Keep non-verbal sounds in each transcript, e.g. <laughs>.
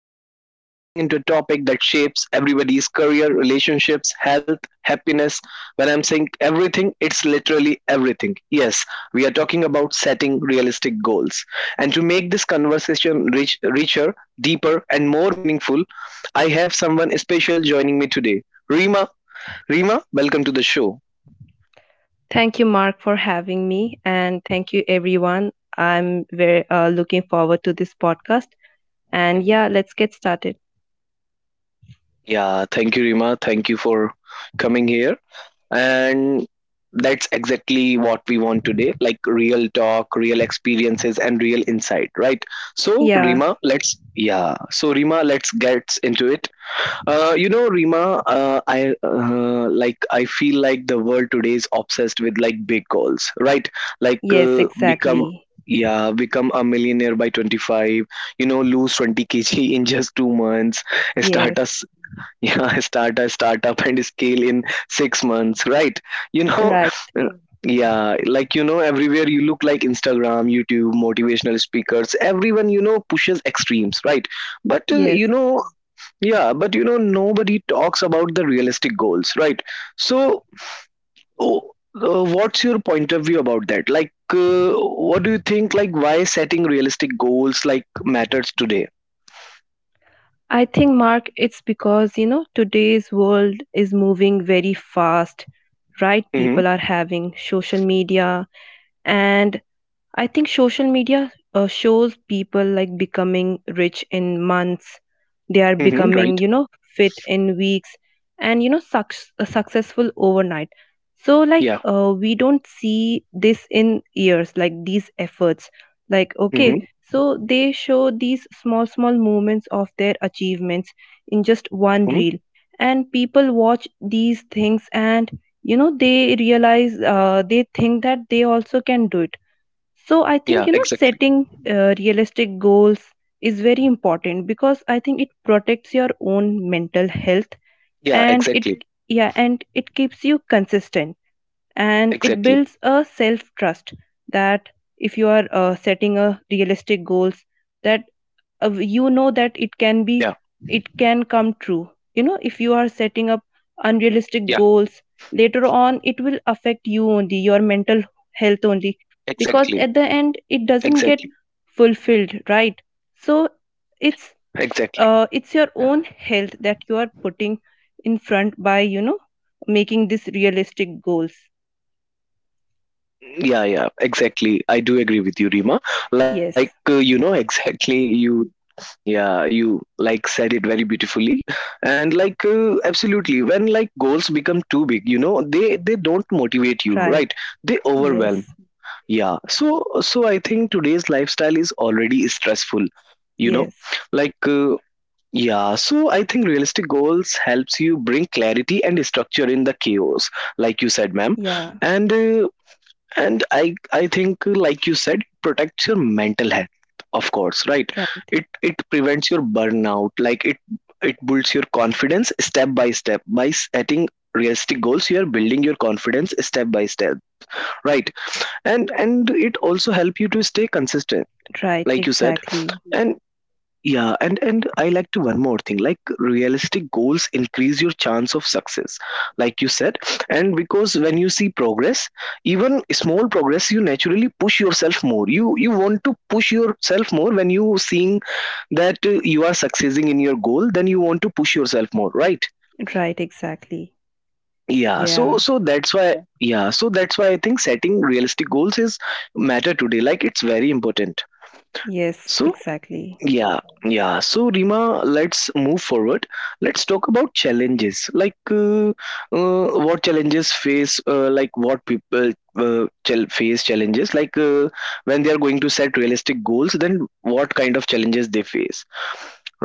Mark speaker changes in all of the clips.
Speaker 1: and today we are diving into a topic that shapes everybody's career, relationships, health, happiness. When I'm saying everything, it's literally everything. Yes, we are talking about setting realistic goals. And to make this conversation richer, deeper, and more meaningful, I have someone special joining me today, Rima. Rima, welcome to the show.
Speaker 2: Thank you, Mark, for having me, and thank you, everyone. I'm very looking forward to this podcast. And
Speaker 1: Mhm.
Speaker 2: yeah, let's get started.
Speaker 1: Yeah, thank you, Rima. Thank you for coming here. And that's exactly what we want today, like real talk, real experiences, and real insight, right? So,
Speaker 2: Yeah,
Speaker 1: Rima, let's, yeah. So, Rima, let's get into it. Rima, I feel like the world today is obsessed with like big goals, right? Like
Speaker 2: yes,
Speaker 1: uh, become,
Speaker 2: exactly.
Speaker 1: yeah, become a millionaire by 25. You know, lose 20 kg <laughs> in just 2 months.
Speaker 2: Yes,
Speaker 1: Start us, yeah, <laughs> start a startup and scale in 6 months, right? You know.
Speaker 2: right.
Speaker 1: uh, Hmm. Yeah, like you know, everywhere you look, like Instagram, YouTube, motivational speakers, everyone you know pushes extremes, right? But uh,
Speaker 2: Yes.
Speaker 1: you know, yeah, but you know, nobody talks about the realistic goals, right? So, oh, what's your point of view about that? Like, what do you think? Like, why setting realistic goals like matters today?
Speaker 2: I think, Mark, it's because, you know, today's world is moving very fast, right?
Speaker 1: Mm-hmm.
Speaker 2: People are having social media, and I think social media shows people like becoming rich in months. They are
Speaker 1: Mm-hmm.
Speaker 2: becoming, you
Speaker 1: Right.
Speaker 2: know, fit in weeks, and, you know, successful overnight. So, like,
Speaker 1: Yeah.
Speaker 2: we don't see this in years, like these efforts. Like, okay,
Speaker 1: Mm-hmm.
Speaker 2: so they show these small, small moments of their achievements in just one reel.
Speaker 1: Mm-hmm.
Speaker 2: And people watch these things, and, you know, they realize, they think that they also can do it. So I think, you know,
Speaker 1: Yeah.
Speaker 2: setting
Speaker 1: Exactly.
Speaker 2: realistic goals is very important, because I think it protects your own mental health, and it,
Speaker 1: Yeah.
Speaker 2: yeah,
Speaker 1: Exactly.
Speaker 2: and it keeps you consistent, and it builds a
Speaker 1: Exactly.
Speaker 2: self trust that if you are setting a realistic goals, that
Speaker 1: Yeah.
Speaker 2: you know, that it can come true. You know, if you are setting up
Speaker 1: Yeah.
Speaker 2: unrealistic goals, later on it will affect you only, your mental health only,
Speaker 1: Exactly.
Speaker 2: because at the end it doesn't
Speaker 1: Exactly.
Speaker 2: get fulfilled, right? So it's
Speaker 1: Exactly.
Speaker 2: it's your own health that you are putting in front by, you know, making these realistic goals.
Speaker 1: Yeah, yeah, exactly. I do agree with you, Rima. Like,
Speaker 2: Yes.
Speaker 1: you know, exactly, you Yeah, you like said it very beautifully, <laughs> and like absolutely, when like goals become too big, you know, they don't motivate you, right?
Speaker 2: Right.
Speaker 1: They overwhelm.
Speaker 2: Yes.
Speaker 1: Yeah. So I think today's lifestyle is already stressful, you know,
Speaker 2: Yes.
Speaker 1: like uh, yeah. So I think realistic goals helps you bring clarity and structure in the chaos, like you said, ma'am,
Speaker 2: Yeah.
Speaker 1: and. Uh, and I think like you said, it protects your mental health, of course, right?
Speaker 2: Right.
Speaker 1: It prevents your burnout. It builds your confidence step by step. By setting realistic goals you are building your confidence step by step, right? And it also help you to stay consistent,
Speaker 2: Right.
Speaker 1: like you said.
Speaker 2: Exactly.
Speaker 1: Yeah and yeah, and I like to one more thing. Like realistic goals increase your chance of success, like you said. And because when you see progress, even small progress, you naturally push yourself more. You want to push yourself more when you seeing that you are succeeding in your goal. Then you want to push yourself more, right?
Speaker 2: Right. Exactly.
Speaker 1: Yeah. So
Speaker 2: Yeah,
Speaker 1: so that's why Yeah. yeah. So that's why I think setting realistic goals is matter today. Like it's very important.
Speaker 2: yes,
Speaker 1: So,
Speaker 2: exactly.
Speaker 1: yeah, yeah. So, Rima, let's move forward. Let's talk about challenges. Like, what challenges face, like, what people chal- face challenges, like, When they are going to set realistic goals, then what kind of challenges they face,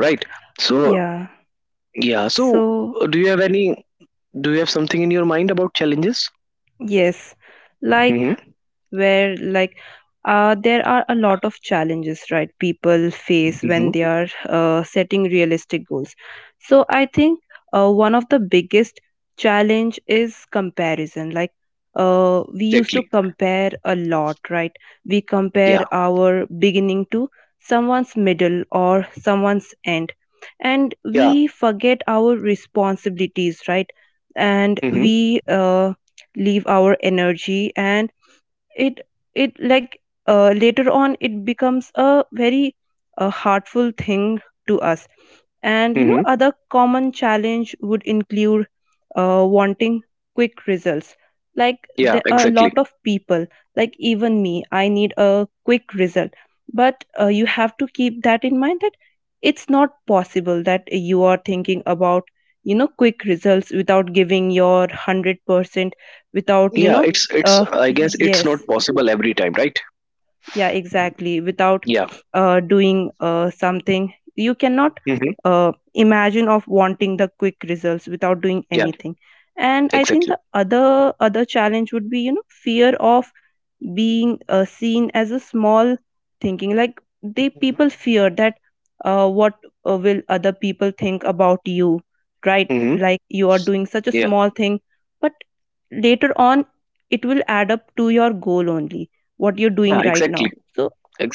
Speaker 1: right? So,
Speaker 2: Yeah.
Speaker 1: yeah. So,
Speaker 2: So,
Speaker 1: do you have any, do you have something in your mind about challenges?
Speaker 2: yes, like,
Speaker 1: Mm-hmm.
Speaker 2: where like there are a lot of challenges, right, people face
Speaker 1: Mm-hmm.
Speaker 2: when they are setting realistic goals. So I think, one of the biggest challenge is comparison. Like, we used to
Speaker 1: Exactly.
Speaker 2: compare a lot, right? We
Speaker 1: Yeah,
Speaker 2: compare our beginning to someone's middle or someone's end, and
Speaker 1: yeah.
Speaker 2: we forget our responsibilities, right? And
Speaker 1: Mm-hmm.
Speaker 2: we leave our energy, and it it like later on it becomes a very heartful thing to us. And, you know,
Speaker 1: Mm-hmm.
Speaker 2: other common challenge would include wanting quick results. Like,
Speaker 1: Yeah,
Speaker 2: there are a
Speaker 1: exactly.
Speaker 2: lot of people, like even me, I need a quick result. But you have to keep that in mind that it's not possible that you are thinking about, you know, quick results without giving your 100%, without, you
Speaker 1: Yeah,
Speaker 2: know,
Speaker 1: it's, I guess it's
Speaker 2: yes,
Speaker 1: not possible every time, right?
Speaker 2: yeah, exactly, without
Speaker 1: Yeah.
Speaker 2: doing something. You cannot
Speaker 1: Hmm.
Speaker 2: imagine of wanting the quick results without doing
Speaker 1: Yeah.
Speaker 2: anything. And I think
Speaker 1: Exactly.
Speaker 2: the other challenge would be, you know, fear of being seen as a small thinking. Like, they people fear that what will other people think about you, right?
Speaker 1: Hmm.
Speaker 2: Like, you are doing such a
Speaker 1: Yeah.
Speaker 2: small thing, but later on it will add up to your goal only, what you're doing
Speaker 1: Yeah.
Speaker 2: right now.
Speaker 1: Exactly.
Speaker 2: So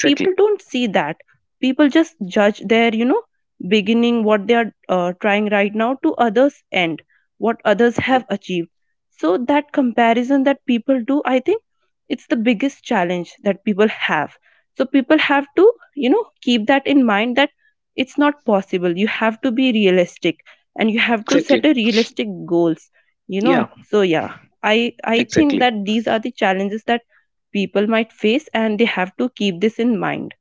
Speaker 2: people don't see that. People just judge their, you know, beginning, what they are trying right now, to others end, what others
Speaker 1: Mhm.
Speaker 2: have achieved. So that comparison that people do, I think it's the biggest challenge that people have. So people have to, you know, keep that in mind that it's not possible. You have to be realistic, and you have to set
Speaker 1: Exactly.
Speaker 2: a realistic goals, you know.
Speaker 1: Yeah,
Speaker 2: So yeah, I think
Speaker 1: exactly.
Speaker 2: that these are the challenges that people might face, and they have to keep this in mind.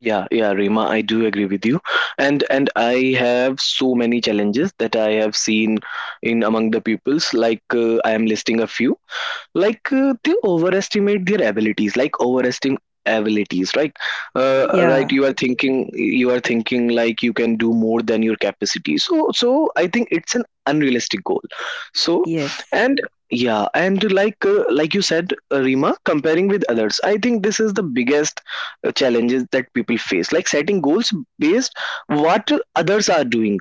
Speaker 1: Yeah, yeah, Rima, I do agree with you. And I have so many challenges that I have seen in among the pupils. Like I am listing a few. Like they overestimate their abilities, like overestimate abilities, right? Uh, right,
Speaker 2: Yeah.
Speaker 1: you are thinking like you can do more than your capacity, so so I think it's an unrealistic goal. So
Speaker 2: Yes.
Speaker 1: and yeah, and like you said, Rima, comparing with others, I think this is the biggest challenges that people face, like setting goals based what others are doing,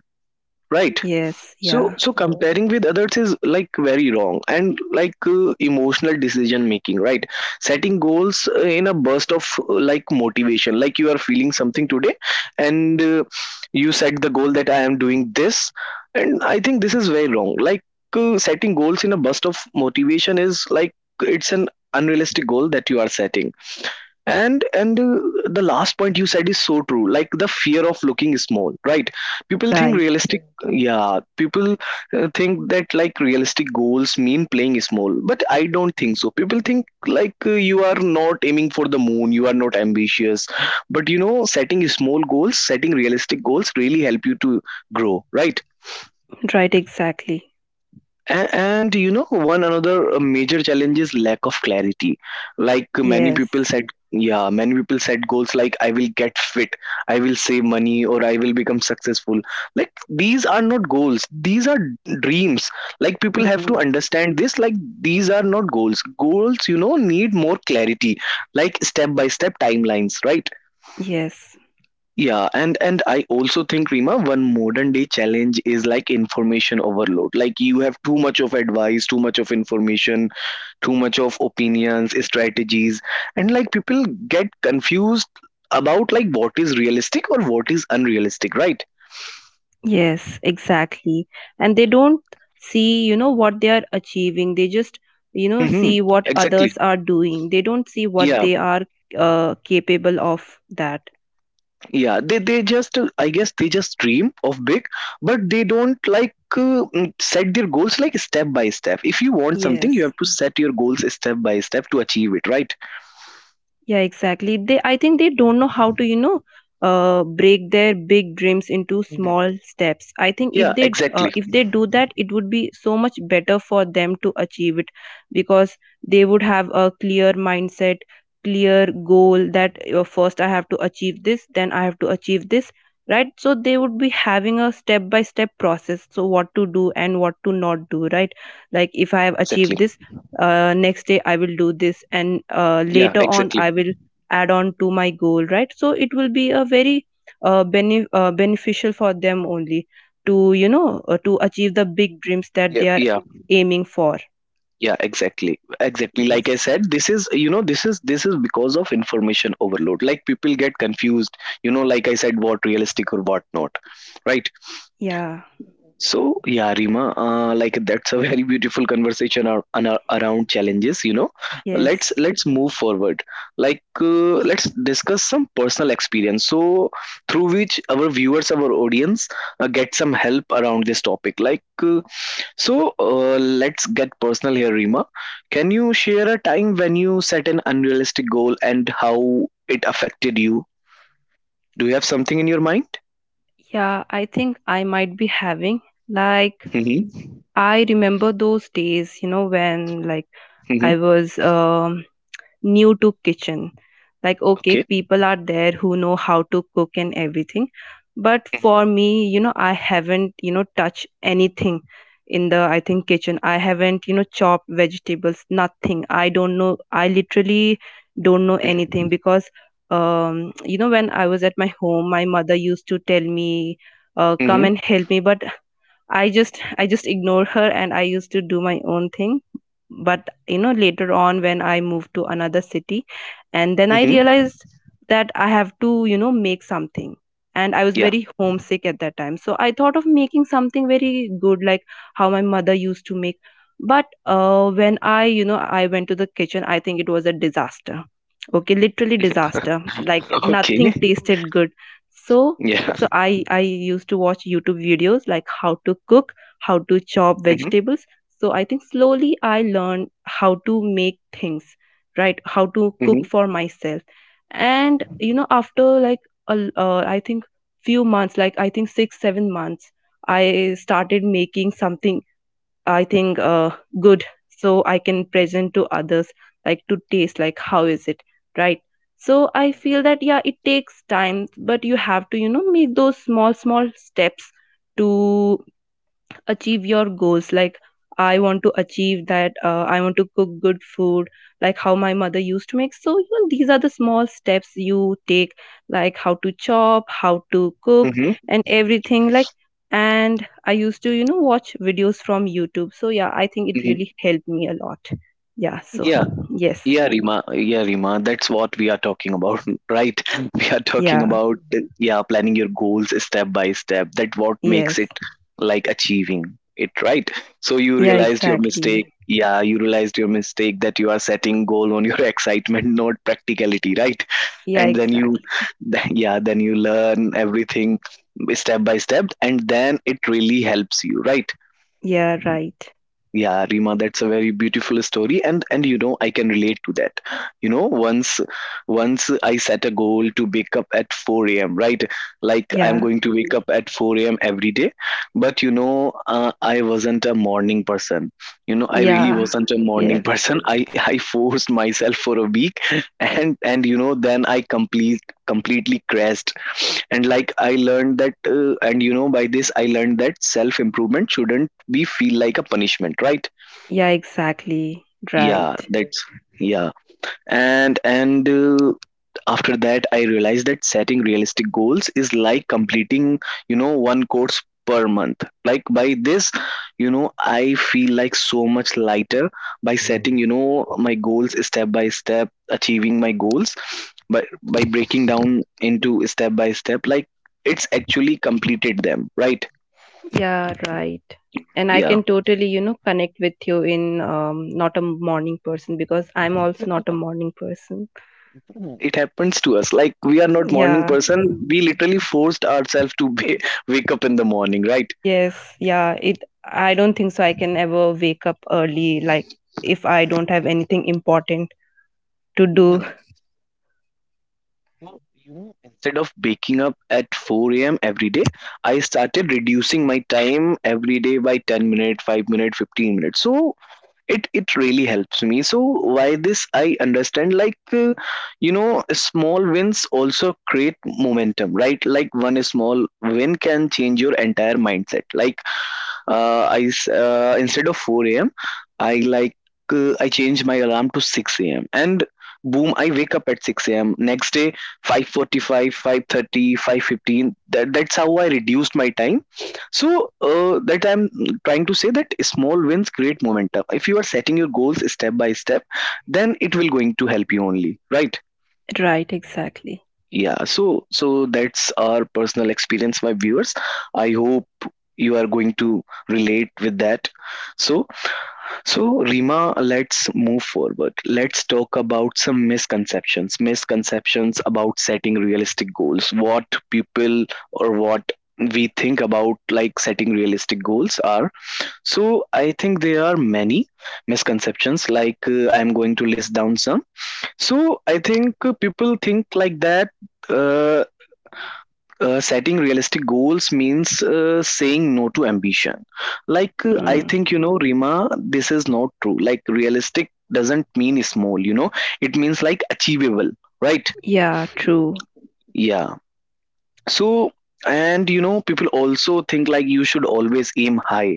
Speaker 1: right?
Speaker 2: Yes.
Speaker 1: So
Speaker 2: Yeah.
Speaker 1: so comparing with others is like very wrong, and like emotional decision making, right? Setting goals in a burst of like motivation, like you are feeling something today and you set the goal that I am doing this, and I think this is very wrong, like setting goals in a burst of motivation is like it's an unrealistic goal that you are setting. And the last point you said is so true, like the fear of looking small, right? People think, yeah,
Speaker 2: Right.
Speaker 1: realistic, yeah, people think that like realistic goals mean playing small, but I don't think so. People think like you are not aiming for the moon, you are not ambitious, but you know setting small goals, setting realistic goals really help you to grow, right?
Speaker 2: Right. Exactly.
Speaker 1: And you know, one another major challenge is lack of clarity. Like many
Speaker 2: Yes.
Speaker 1: people said, yeah, many people set goals like, I will get fit, I will save money, or I will become successful. Like these are not goals; these are dreams. Like people have to
Speaker 2: Mm.
Speaker 1: understand this. Like these are not goals. Goals, you know, need more clarity, like step by step timelines, right?
Speaker 2: Yes.
Speaker 1: Yeah, and I also think, Rima, one modern day challenge is like information overload. Like you have too much of advice, too much of information, too much of opinions, strategies, and like people get confused about like what is realistic or what is unrealistic, right?
Speaker 2: Yes. Exactly. And they don't see, you know, what they are achieving. They just, you know,
Speaker 1: Mm-hmm.
Speaker 2: see what
Speaker 1: Exactly.
Speaker 2: others are doing. They don't see what
Speaker 1: Yeah,
Speaker 2: they are capable of, that.
Speaker 1: yeah. They just I guess they just dream of big, but they don't like mm, set their goals like step by step. If you want something, you
Speaker 2: Yes.
Speaker 1: have to set your goals step by step to achieve it, right?
Speaker 2: Yeah, exactly. I think they don't know how to, you know, break their big dreams into small steps. I think
Speaker 1: Yeah, exactly.
Speaker 2: if they do that, it would be so much better for them to achieve it, because they would have a clear mindset, clear goal that first I have to achieve this, then I have to achieve this, right? So they would be having a step by step process. So what to do and what to not do, right? Like if I have achieved
Speaker 1: Exactly.
Speaker 2: this, next day I will do this, and
Speaker 1: Yeah,
Speaker 2: later on I
Speaker 1: exactly.
Speaker 2: will add on to my goal, right? So it will be a very beneficial for them only to, you know, to achieve the big dreams that
Speaker 1: Yeah,
Speaker 2: they are
Speaker 1: yeah,
Speaker 2: aiming for.
Speaker 1: yeah, exactly. Exactly. Like I
Speaker 2: Yes.
Speaker 1: said, this is, you know, this is because of information overload. Like people get confused, you know, like I said, what realistic or what not. Right?
Speaker 2: Yeah.
Speaker 1: So yeah, Rima, like that's a very beautiful conversation around challenges. You know,
Speaker 2: Yes.
Speaker 1: let's move forward. Like let's discuss some personal experience. So through which our viewers, our audience, get some help around this topic. Like so, let's get personal here, Rima. Can you share a time when you set an unrealistic goal and how it affected you? Do you have something in your mind?
Speaker 2: Yeah, I think I might be having, like,
Speaker 1: Mm-hmm.
Speaker 2: I remember those days, you know, when like
Speaker 1: Mm-hmm.
Speaker 2: I was new to kitchen. Like, okay,
Speaker 1: Okay.
Speaker 2: people are there who know how to cook and everything, but
Speaker 1: Mm-hmm.
Speaker 2: for me, you know, I haven't, you know, touched anything in the, I think, kitchen. I haven't, you know, chopped vegetables, nothing. I don't know, I literally don't know
Speaker 1: Mm-hmm.
Speaker 2: anything, because you know, when I was at my home, my mother used to tell me, come
Speaker 1: Mm-hmm.
Speaker 2: and help me, but I just ignored her, and I used to do my own thing. But you know, later on when I moved to another city, and then I
Speaker 1: Mm-hmm.
Speaker 2: realized that I have to, you know, make something. And I was
Speaker 1: Yeah.
Speaker 2: very homesick at that time, so I thought of making something very good, like how my mother used to make. But when I you know I went to the kitchen, I think it was a disaster. Okay, literally disaster, like
Speaker 1: <laughs> Okay.
Speaker 2: nothing tasted good. So,
Speaker 1: Yeah.
Speaker 2: so I used to watch YouTube videos, like how to cook, how to chop
Speaker 1: Mhm.
Speaker 2: vegetables. So I think slowly I learned how to make things, right, how to cook
Speaker 1: Mhm.
Speaker 2: for myself. And you know, after like I think few months, like I think 6 7 months, I started making something, I think, good, so I can
Speaker 1: Mhm.
Speaker 2: present to others, like to taste, like how is it, right? So I
Speaker 1: Mhm.
Speaker 2: feel that yeah, it takes time, but you have to, you know, make those small small steps to achieve your goals. Like, I want to achieve that, I want to cook good food, like how my mother used to make. So you know, these are the small steps you take, like how to chop, how to cook,
Speaker 1: Mhm.
Speaker 2: and everything, like. And I used to, you know, watch videos from YouTube. So yeah, I think it
Speaker 1: Mhm.
Speaker 2: really helped me a lot. Yeah. So
Speaker 1: Yeah.
Speaker 2: yes.
Speaker 1: Yeah, Rima. Yeah, Rima. That's what we are talking about, <laughs> right? We are talking
Speaker 2: Yeah.
Speaker 1: about yeah, planning your goals step by step. That what
Speaker 2: Yes.
Speaker 1: makes it like achieving it, right? So you
Speaker 2: Yeah,
Speaker 1: realized your
Speaker 2: exactly.
Speaker 1: mistake. Yeah, you realized your mistake, that you are setting goal on your <laughs> excitement, not practicality, right?
Speaker 2: Yeah,
Speaker 1: And then you,
Speaker 2: exactly.
Speaker 1: yeah, then you learn everything step by step, and then it really helps you, right?
Speaker 2: Yeah, right.
Speaker 1: Yeah, Rima, that's a very beautiful story, and you know I can relate to that. You know, once I set a goal to wake up at four a.m. Right, like I'm
Speaker 2: Yeah.
Speaker 1: going to wake up at four a.m. every day, but you know I wasn't a morning person. You know, I really
Speaker 2: Yeah.
Speaker 1: wasn't a morning
Speaker 2: Yes.
Speaker 1: person. I <laughs> I forced myself for a week, and you know then I completely crashed. And like I learned that and you know by this I learned that self improvement shouldn't we feel like a punishment, right?
Speaker 2: Yeah, exactly.
Speaker 1: yeah
Speaker 2: Right.
Speaker 1: that's yeah And after that I realized that setting realistic goals is like completing, you know, 1 course per month. Like by this, you know, I feel like so much lighter by setting you know my goals step by step, achieving my goals, but by breaking down into step by step, like it's actually completed them, right?
Speaker 2: Yeah, right. And I
Speaker 1: Yeah,
Speaker 2: can totally, you know, connect with you in, not a morning person, because I'm also not a morning person.
Speaker 1: it happens to us, like we are not morning
Speaker 2: Yeah.
Speaker 1: person. We literally forced ourselves to <laughs> wake up in the morning, right?
Speaker 2: Yes. Yeah. It. I don't think so I can ever wake up early, like, if I don't have anything important to do. <laughs>
Speaker 1: Instead of waking up at 4 a.m every day, I started reducing my time every day by 10 minutes, 5 minutes, 15 minutes. So it really helps me. So why this I understand, like you know small wins also create momentum, right? Like one small win can change your entire mindset. Like instead of 4 a.m. I like I change my alarm to 6 a.m. and boom, I wake up at 6 a.m. Next day 5:45, 5:30, 5:15. That that's how I reduced my time. So that I'm trying to say that small wins create momentum. If you are setting your goals step by step, then it will going to help you only, right?
Speaker 2: Right. Exactly.
Speaker 1: Yeah, so that's our personal experience, my viewers. I hope you are going to relate with that. So so Rima, let's move forward. Let's talk about some misconceptions about setting realistic goals. What people or what we think about like setting realistic goals are. So I think there are many misconceptions like I am going to list down some. So I think people think like that uh, setting realistic goals means saying no to ambition. Like I
Speaker 2: Hmm.
Speaker 1: think you know Rima, this is not true. Like realistic doesn't mean small, you know. It means like achievable, right?
Speaker 2: Yeah. True.
Speaker 1: Yeah. So and you know people also think like you should always aim high.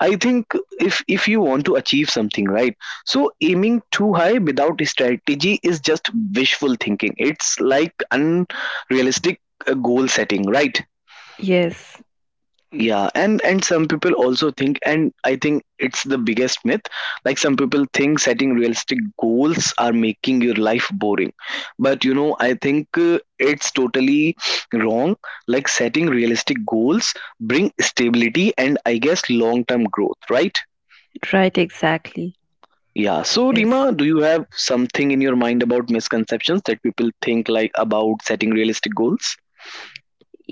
Speaker 1: I think if you want to achieve something, right? So aiming too high without strategy is just wishful thinking. It's like unrealistic goal setting, right?
Speaker 2: Yes.
Speaker 1: Yeah. And some people also think, and I think it's the biggest myth, like some people think setting realistic goals are making your life boring. But you know I think it's totally wrong. Like setting realistic goals bring stability and I guess long term growth, right?
Speaker 2: Right. Exactly.
Speaker 1: Yeah. So
Speaker 2: Yes.
Speaker 1: Rima, do you have something in your mind about misconceptions that people think like about setting realistic goals?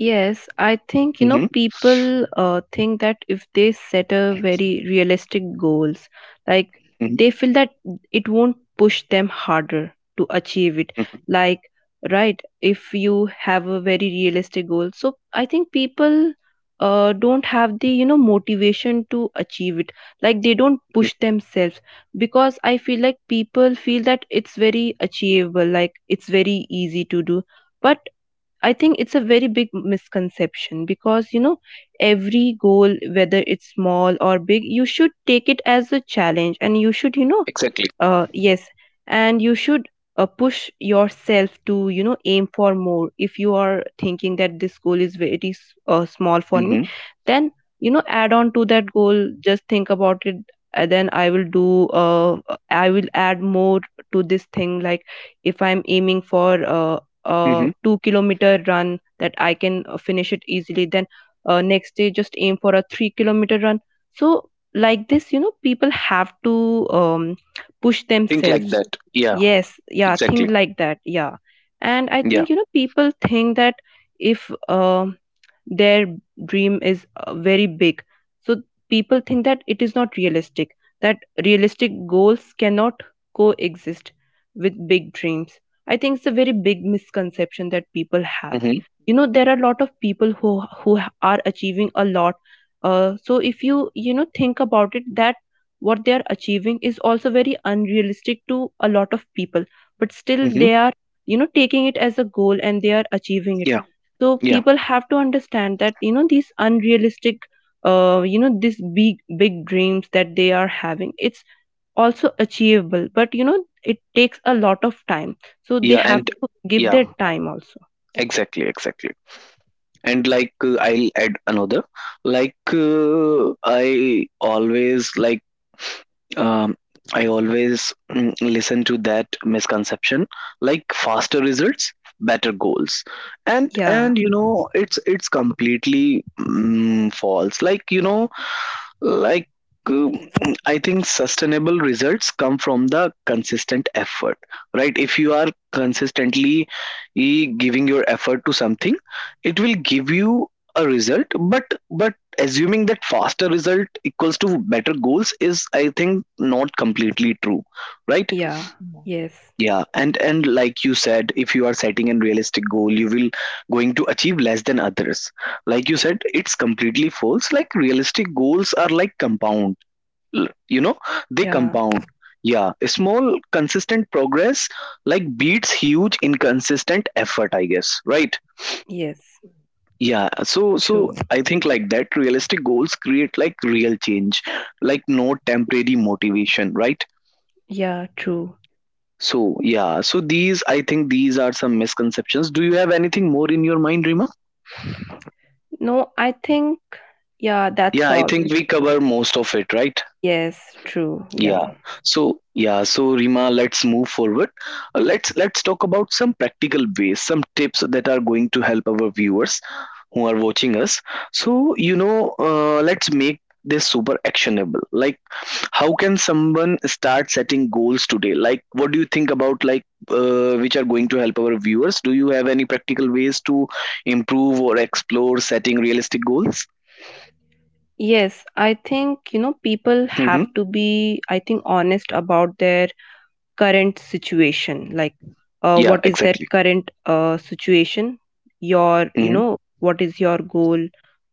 Speaker 2: Yes, I think, you know,
Speaker 1: Mm-hmm.
Speaker 2: people think that if they set a very realistic goals, like,
Speaker 1: Hmm.
Speaker 2: they feel that it won't push them harder to achieve it. Like, right, if you have a very realistic goal, so I think people don't have the, you know, motivation to achieve it. Like, they don't push themselves, because I feel like people feel that it's very achievable, like it's very easy to do. But I think it's a very big misconception, because you know, every goal, whether it's small or big, you should take it as a challenge, and you should, you know,
Speaker 1: Exactly.
Speaker 2: yes, and you should push yourself to, you know, aim for more. If you are thinking that this goal is very small for me,
Speaker 1: Mm-hmm.
Speaker 2: then you know, add on to that goal, just think about it. And then I will add more to this thing. Like, if I'm aiming for
Speaker 1: Mm-hmm.
Speaker 2: a 2-kilometer run that I can finish it easily, then next day just aim for a 3-kilometer run. So like this, you know, people have to um, push
Speaker 1: Think like
Speaker 2: themselves.
Speaker 1: that, yeah.
Speaker 2: Yes, yeah,
Speaker 1: Exactly.
Speaker 2: think like that, yeah. And I
Speaker 1: Yeah.
Speaker 2: think, you know, people think that if their dream is very big, so people think that it is not realistic, that realistic goals cannot coexist with big dreams. I think it's a very big misconception that people have.
Speaker 1: Mm-hmm.
Speaker 2: You know, there are a lot of people who are achieving a lot, so if you, you know, think about it, that what they are achieving is also very unrealistic to a lot of people, but still
Speaker 1: Mm-hmm.
Speaker 2: they are, you know, taking it as a goal, and they are achieving it.
Speaker 1: Yeah.
Speaker 2: So
Speaker 1: Yeah.
Speaker 2: people have to understand that, you know, these unrealistic, you know, these big big dreams that they are having, it's also achievable. But you know, it takes a lot of time, so they
Speaker 1: Yeah.
Speaker 2: have
Speaker 1: And
Speaker 2: to give their
Speaker 1: yeah,
Speaker 2: time also.
Speaker 1: exactly. Exactly. And like I'll add another. Like I always like um, I always listen to that misconception. Like faster results, better goals. And
Speaker 2: Yeah,
Speaker 1: and you know it's completely false. Like you know like, um, I think sustainable results come from the consistent effort, right? If you are consistently giving your effort to something, it will give you a result. But assuming that faster result equals to better goals is, I think, not completely true, right?
Speaker 2: yeah, yes,
Speaker 1: Yeah, and like you said, if you are setting a realistic goal, you will going to achieve less than others. Like you said, it's completely false. Like realistic goals are like compound, you know they
Speaker 2: yeah,
Speaker 1: compound. Yeah, small consistent progress like beats huge inconsistent effort, I guess, right?
Speaker 2: yes,
Speaker 1: Yeah. So
Speaker 2: true.
Speaker 1: I think like that realistic goals create like real change, like no temporary motivation, right?
Speaker 2: Yeah, true.
Speaker 1: So yeah, so these I think these are some misconceptions. Do you have anything more in your mind, Rima?
Speaker 2: No, I think, yeah, that's
Speaker 1: Yeah, I
Speaker 2: all.
Speaker 1: think we cover most of it, right?
Speaker 2: Yes, true.
Speaker 1: Yeah.
Speaker 2: Yeah.
Speaker 1: So yeah. So Rima, let's move forward. Let's talk about some practical ways, some tips that are going to help our viewers who are watching us. So you know, let's make this super actionable. Like, how can someone start setting goals today? Like, what do you think about like which are going to help our viewers? Do you have any practical ways to improve or explore setting realistic goals?
Speaker 2: Yes, I think, you know, people have
Speaker 1: Mm-hmm.
Speaker 2: to be, I think, honest about their current situation, like
Speaker 1: Yeah.
Speaker 2: what is their
Speaker 1: Exactly.
Speaker 2: current situation, you
Speaker 1: Mm-hmm.
Speaker 2: know, what is your goal,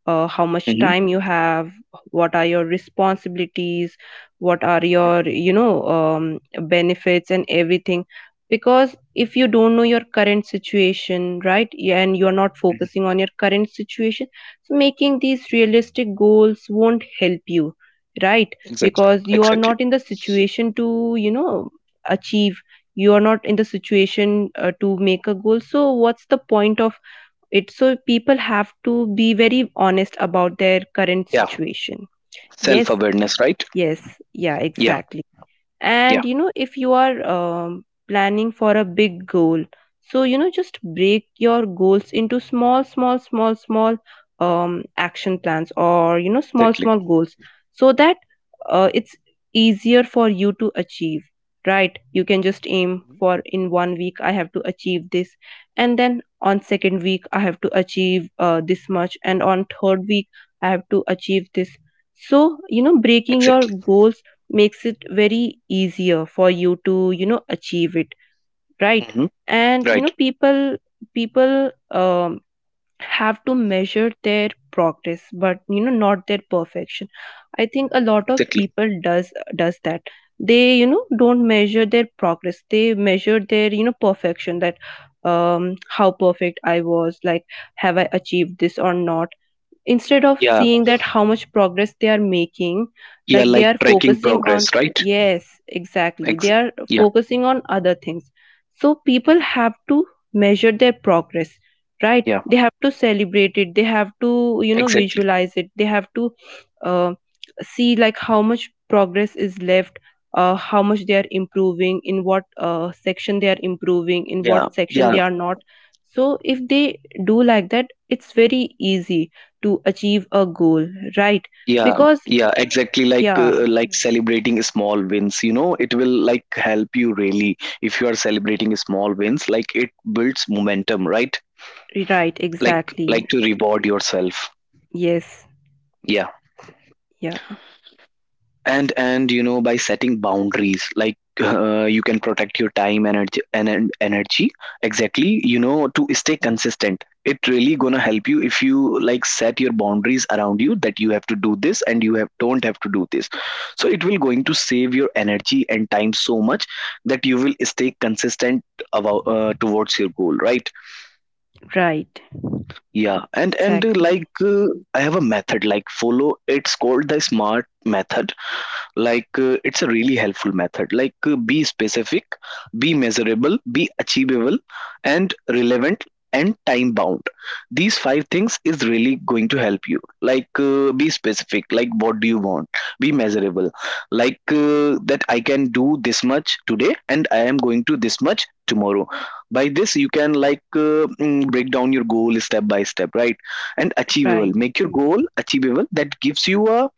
Speaker 2: how much time you have, what are your responsibilities, what are
Speaker 1: Mm-hmm.
Speaker 2: your, you know, benefits and everything. Because if you don't know your current situation, right, yeah, and you're not focusing on your current situation, so making these realistic goals won't help you, right?
Speaker 1: Exactly.
Speaker 2: Because you are
Speaker 1: Exactly.
Speaker 2: not in the situation to, you know, achieve. You are not in the situation to make a goal, so what's the point of it? So people have to be very honest about their current
Speaker 1: Yeah.
Speaker 2: situation.
Speaker 1: Self
Speaker 2: Yes,
Speaker 1: awareness, right?
Speaker 2: yes, yeah,
Speaker 1: Yeah.
Speaker 2: exactly.
Speaker 1: Yeah.
Speaker 2: And you know, if you are planning for a big goal, so you know, just break your goals into small action plans, or you know, small
Speaker 1: Exactly.
Speaker 2: small goals, so that it's easier for you to achieve, right? You can just aim
Speaker 1: Mhm.
Speaker 2: for, in 1 week I have to achieve this, and then on 2nd week I have to achieve this much, and on 3rd week I have to achieve this. So you know, breaking your
Speaker 1: Exactly.
Speaker 2: goals makes it very easier for you to, you know, achieve it, right?
Speaker 1: Hmm.
Speaker 2: And you
Speaker 1: Right.
Speaker 2: know, people, people have to measure their progress, but you know, not their perfection. I think a lot of
Speaker 1: Exactly.
Speaker 2: people does that. They, you know, don't measure their progress, they measure their, you know, perfection. That, um, how perfect I was, like, have I achieved this or not, instead of
Speaker 1: Yeah.
Speaker 2: seeing that how much progress they are making.
Speaker 1: Yeah.
Speaker 2: Like, they
Speaker 1: Like
Speaker 2: are
Speaker 1: tracking
Speaker 2: focusing on,
Speaker 1: progress, right?
Speaker 2: yes exactly, they
Speaker 1: Ex-
Speaker 2: are
Speaker 1: yeah.
Speaker 2: focusing on other things. So people
Speaker 1: Mhm.
Speaker 2: have to measure their progress, right?
Speaker 1: Yeah.
Speaker 2: They have to celebrate it, they have to, you know,
Speaker 1: Exactly.
Speaker 2: visualize it, they have to, uh, see like how much progress is left, how much they are improving, in what section they are improving, in what
Speaker 1: Yeah.
Speaker 2: section
Speaker 1: Yeah.
Speaker 2: they are not. So if they do like that, it's very easy to achieve a goal, right?
Speaker 1: Yeah.
Speaker 2: Because,
Speaker 1: Yeah. Exactly.
Speaker 2: yeah,
Speaker 1: Like celebrating small wins. You know, it will like help you really if you are celebrating small wins. Like it builds momentum, right?
Speaker 2: right,
Speaker 1: Like
Speaker 2: exactly.
Speaker 1: like to reward yourself.
Speaker 2: Yes,
Speaker 1: Yeah.
Speaker 2: yeah,
Speaker 1: And you know by setting boundaries, like you can protect your time, energy and energy, exactly, you know, to stay consistent. It really gonna help you if you like set your boundaries around you, that you have to do this and you have don't have to do this. So it will going to save your energy and time so much that you will stay consistent about towards your goal, right?
Speaker 2: right,
Speaker 1: Yeah. And like
Speaker 2: exactly,
Speaker 1: I have a method like follow. It's called the smart method. Like it's a really helpful method. Like be specific, be measurable, be achievable, and relevant, and time bound. These five things is really going to help you. Like be specific like what do you want. Be measurable like that I can do this much today and I am going to this much tomorrow. By this you can like break down your goal step by step, right? And achievable,
Speaker 2: right.
Speaker 1: make your goal achievable, that gives you a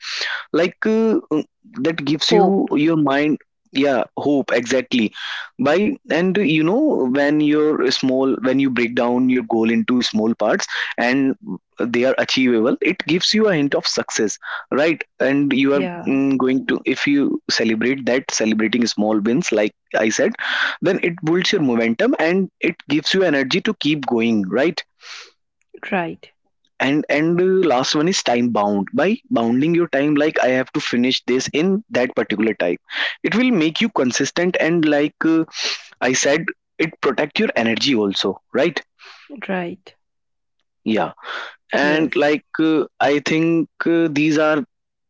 Speaker 1: like that gives
Speaker 2: Hope,
Speaker 1: you your mind. Yeah, hope, exactly. By, and you know when you're small, when you break down your goal into small parts and they are achievable, it gives you a hint of success, right? And you are
Speaker 2: yeah,
Speaker 1: going to, if you celebrate that, celebrating small wins, like I said, then it builds your momentum and it gives you energy to keep going, right?
Speaker 2: right,
Speaker 1: And last one is time bound. By bounding your time like I have to finish this in that particular time, it will make you consistent and like I said, it protect your energy also, right?
Speaker 2: right,
Speaker 1: Yeah.
Speaker 2: yes,
Speaker 1: And like I think these are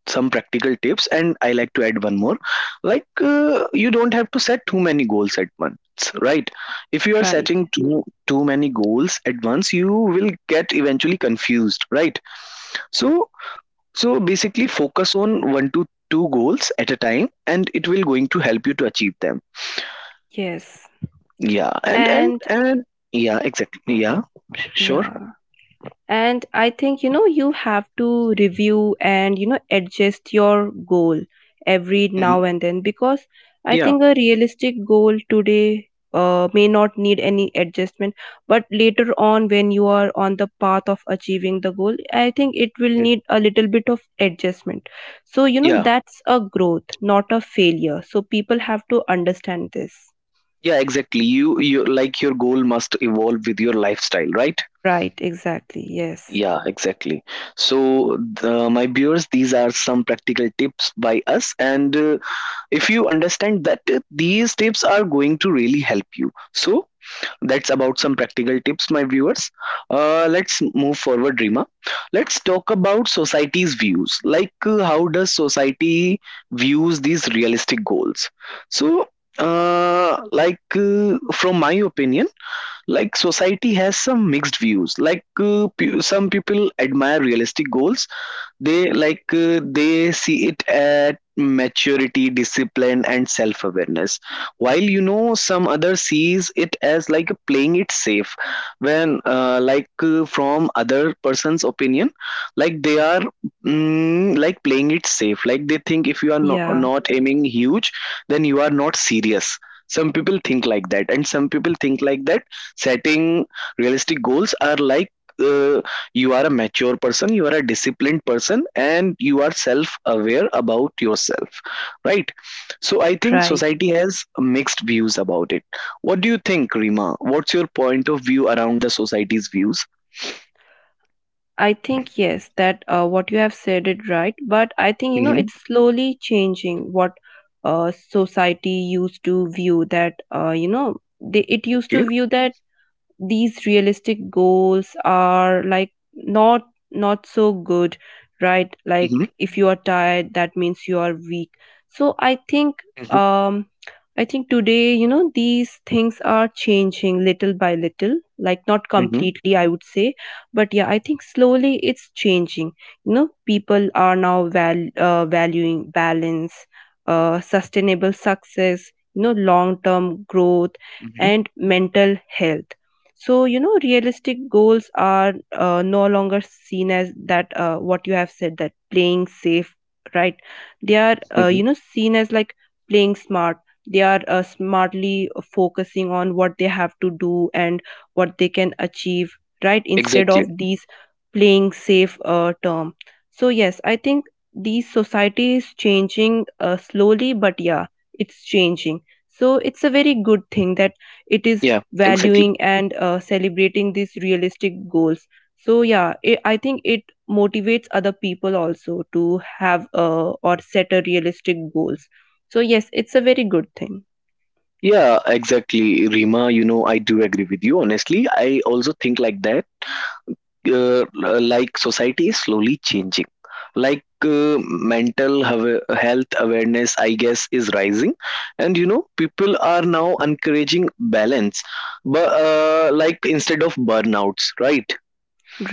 Speaker 1: some practical tips, and I like to add one more. Like you don't have to set too many goals at once, right? If you are
Speaker 2: right,
Speaker 1: setting too many goals at once, you will get eventually confused, right? So so basically focus on 1 to 2 goals at a time, and it will going to help you to achieve them.
Speaker 2: yes.
Speaker 1: Yeah. And and
Speaker 2: And,
Speaker 1: and yeah, exactly. Yeah. Sure.
Speaker 2: yeah, and I think, you know, you have to review and you know, adjust your goal every now
Speaker 1: Mhm.
Speaker 2: and then. Because I
Speaker 1: Yeah.
Speaker 2: think a realistic goal today may not need any adjustment, but later on when you are on the path of achieving the goal, I think it will
Speaker 1: Mhm.
Speaker 2: need a little bit of adjustment. So you know,
Speaker 1: Yeah.
Speaker 2: that's a growth, not a failure, so people have to understand this.
Speaker 1: Yeah, exactly. You like your goal must evolve with your lifestyle, right?
Speaker 2: Right, exactly, yes,
Speaker 1: Yeah, exactly. So, the, my viewers, these are some practical tips by us. And if you understand that these tips are going to really help you. So, that's about some practical tips, my viewers. Let's move forward, Rima. Let's talk about society's views. Like, how does society views these realistic goals? So, like, from my opinion, like society has some mixed views. Like, some people admire realistic goals. They like they see it at maturity, discipline and self awareness, while you know some other sees it as like playing it safe. When like from other person's opinion, like they are like playing it safe. Like they think if you are no,
Speaker 2: yeah,
Speaker 1: not aiming huge, then you are not serious. Some people think like that, and some people think like that setting realistic goals are like uh, you are a mature person, you are a disciplined person and you are self aware about yourself, right? So I think
Speaker 2: right.
Speaker 1: society has mixed views about it. What do you think Rima, what's your point of view around the society's views?
Speaker 2: I think yes, that what you have said it right, but I think you know,
Speaker 1: Mm-hmm.
Speaker 2: it's slowly changing. What society used to view, that you know, it used to
Speaker 1: Okay.
Speaker 2: view that these realistic goals are like not so good, right? Like
Speaker 1: Mm-hmm.
Speaker 2: if you are tired, that means you are weak. So I think,
Speaker 1: Mm-hmm.
Speaker 2: um I think today, you know, these things are changing little by little, like not completely I would say, but yeah, I think slowly it's changing. You know, people are now valuing balance, sustainable success, you know, long term growth,
Speaker 1: Mm-hmm.
Speaker 2: and mental health. So you know, realistic goals are no longer seen as that, what you have said, that playing safe, right? They are,
Speaker 1: Mm-hmm.
Speaker 2: you know, seen as like playing smart. They are smartly focusing on what they have to do and what they can achieve, right? Instead of
Speaker 1: Exactly.
Speaker 2: these playing safe term. So yes, I think the society is changing slowly, but yeah, it's changing. So it's a very good thing that it is
Speaker 1: Yeah, exactly.
Speaker 2: valuing and celebrating these realistic goals. So yeah, I think it motivates other people also to have or set a realistic goals. So yes, it's a very good thing.
Speaker 1: Yeah, exactly Rima, you know I do agree with you. Honestly I also think like that like society is slowly changing, like mental health awareness I guess is rising, and you know people are now encouraging balance, but like instead of burnouts, right?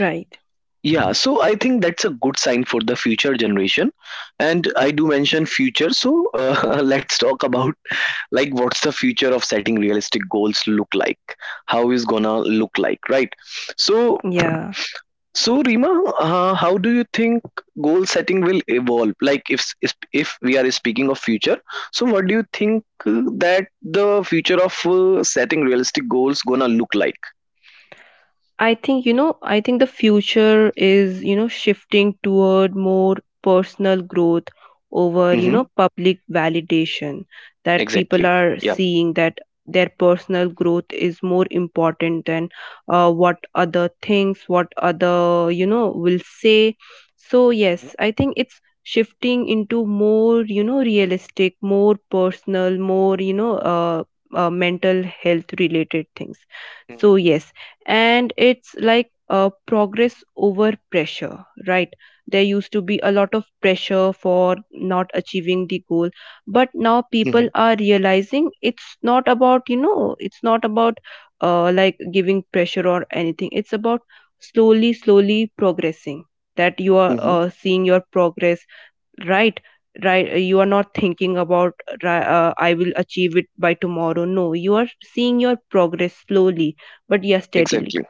Speaker 2: Right.
Speaker 1: Yeah. So I think that's a good sign for the future generation. And I do mention future, so <laughs> let's talk about like what's the future of setting realistic goals look like. How is gonna look like, right? So
Speaker 2: Yeah.
Speaker 1: so, Rima, how do you think goal setting will evolve? Like, if we are speaking of future, so what do you think that the future of setting realistic goals gonna look like?
Speaker 2: I think, you know, I think the future is, you know, shifting toward more personal growth over, you know,
Speaker 1: Mm-hmm.
Speaker 2: public validation. That people
Speaker 1: Exactly.
Speaker 2: are
Speaker 1: Yeah.
Speaker 2: seeing that their personal growth is more important than what other things, what other, you know, will say. So
Speaker 1: Mm-hmm.
Speaker 2: yes, I think it's shifting into more, you know, realistic, more personal, more, you know, mental health related things. So
Speaker 1: Mm-hmm.
Speaker 2: yes, and it's like a progress over pressure, right? There used to be a lot of pressure for not achieving the goal, but now people are realizing, it's not about, you know, it's not about like giving pressure or anything, it's about slowly slowly progressing, that you are
Speaker 1: Mm-hmm. Hmm.
Speaker 2: seeing your progress, right? Right, you are not thinking about I will achieve it by tomorrow, no, you are seeing your progress slowly, but yes, steadily,
Speaker 1: Exactly.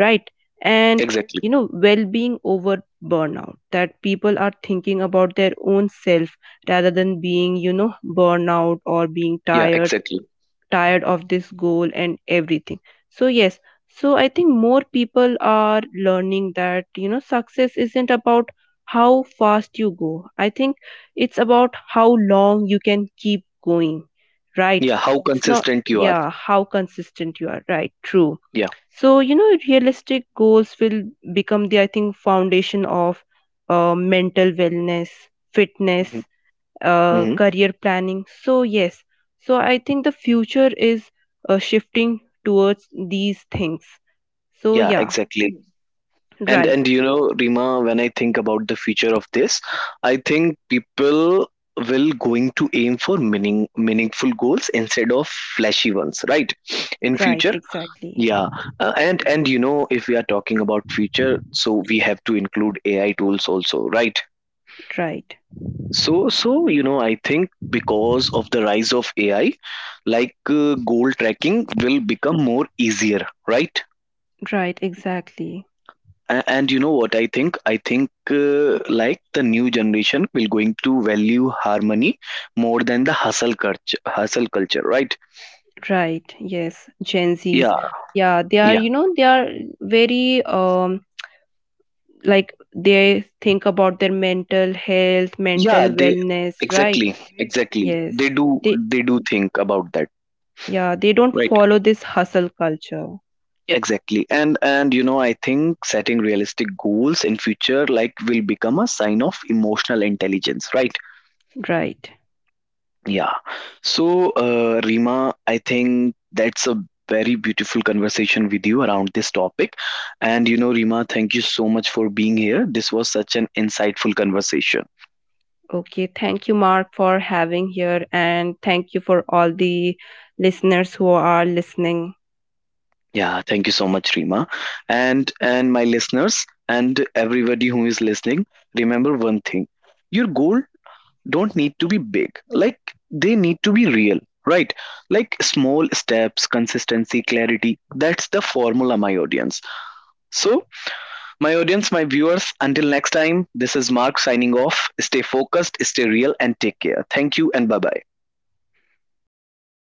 Speaker 2: right? And
Speaker 1: Exactly.
Speaker 2: you know, well being over burnout, that people are thinking about their own self rather than being, you know, burnout or being
Speaker 1: Yeah.
Speaker 2: tired,
Speaker 1: Exactly.
Speaker 2: tired of this goal and everything. So yes, so I think more people are learning that, you know, success isn't about how fast you go, I think it's about how long you can keep going, right?
Speaker 1: Yeah. How
Speaker 2: It's not,
Speaker 1: consistent you are.
Speaker 2: yeah, how consistent you are, right? True.
Speaker 1: Yeah.
Speaker 2: So you know, realistic goals will become the, I think, foundation of mental wellness, fitness,
Speaker 1: Mm-hmm. Mm-hmm.
Speaker 2: career planning. So yes, so I think the future is shifting towards these things. So
Speaker 1: Yeah.
Speaker 2: yeah,
Speaker 1: Exactly. And
Speaker 2: right,
Speaker 1: and you know, Rima, when I think about the future of this, I think people will going to aim for meaningful goals instead of flashy ones, right, in
Speaker 2: right,
Speaker 1: future?
Speaker 2: exactly,
Speaker 1: Yeah. And you know if we are talking about future, so we have to include ai tools also, right?
Speaker 2: right,
Speaker 1: So so you know I think because of the rise of ai, like goal tracking will become more easier, right?
Speaker 2: right, exactly,
Speaker 1: And you know what I think, I think like the new generation will going to value harmony more than the hustle culture, right?
Speaker 2: right, yes, Gen Zs.
Speaker 1: Yeah.
Speaker 2: Yeah, they are,
Speaker 1: Yeah. Yeah,
Speaker 2: you know, they are very like, they think about their mental health, mental
Speaker 1: yeah they exactly,
Speaker 2: wellness, right?
Speaker 1: exactly, exactly,
Speaker 2: Yes,
Speaker 1: they do.
Speaker 2: they,
Speaker 1: They do think about that.
Speaker 2: yeah, they don't follow this hustle culture,
Speaker 1: Yeah, exactly. And you know I think setting realistic goals in future like will become a sign of emotional intelligence, right?
Speaker 2: right?
Speaker 1: Yeah. So, Rima, I think that's a very beautiful conversation with you around this topic. And, you know, Rima, thank you so much for being here. This was such an insightful conversation.
Speaker 2: Okay, thank you Mark, for having here, and thank you for all the listeners who are listening.
Speaker 1: Yeah, thank you so much, Rima. And my listeners and everybody who is listening, remember one thing. Your goal don't need to be big. Like they need to be real, right? Like small steps, consistency, clarity. That's the formula, my audience. So my audience, my viewers, until next time, this is Mark signing off. Stay focused, stay real, and take care. Thank you, and bye bye.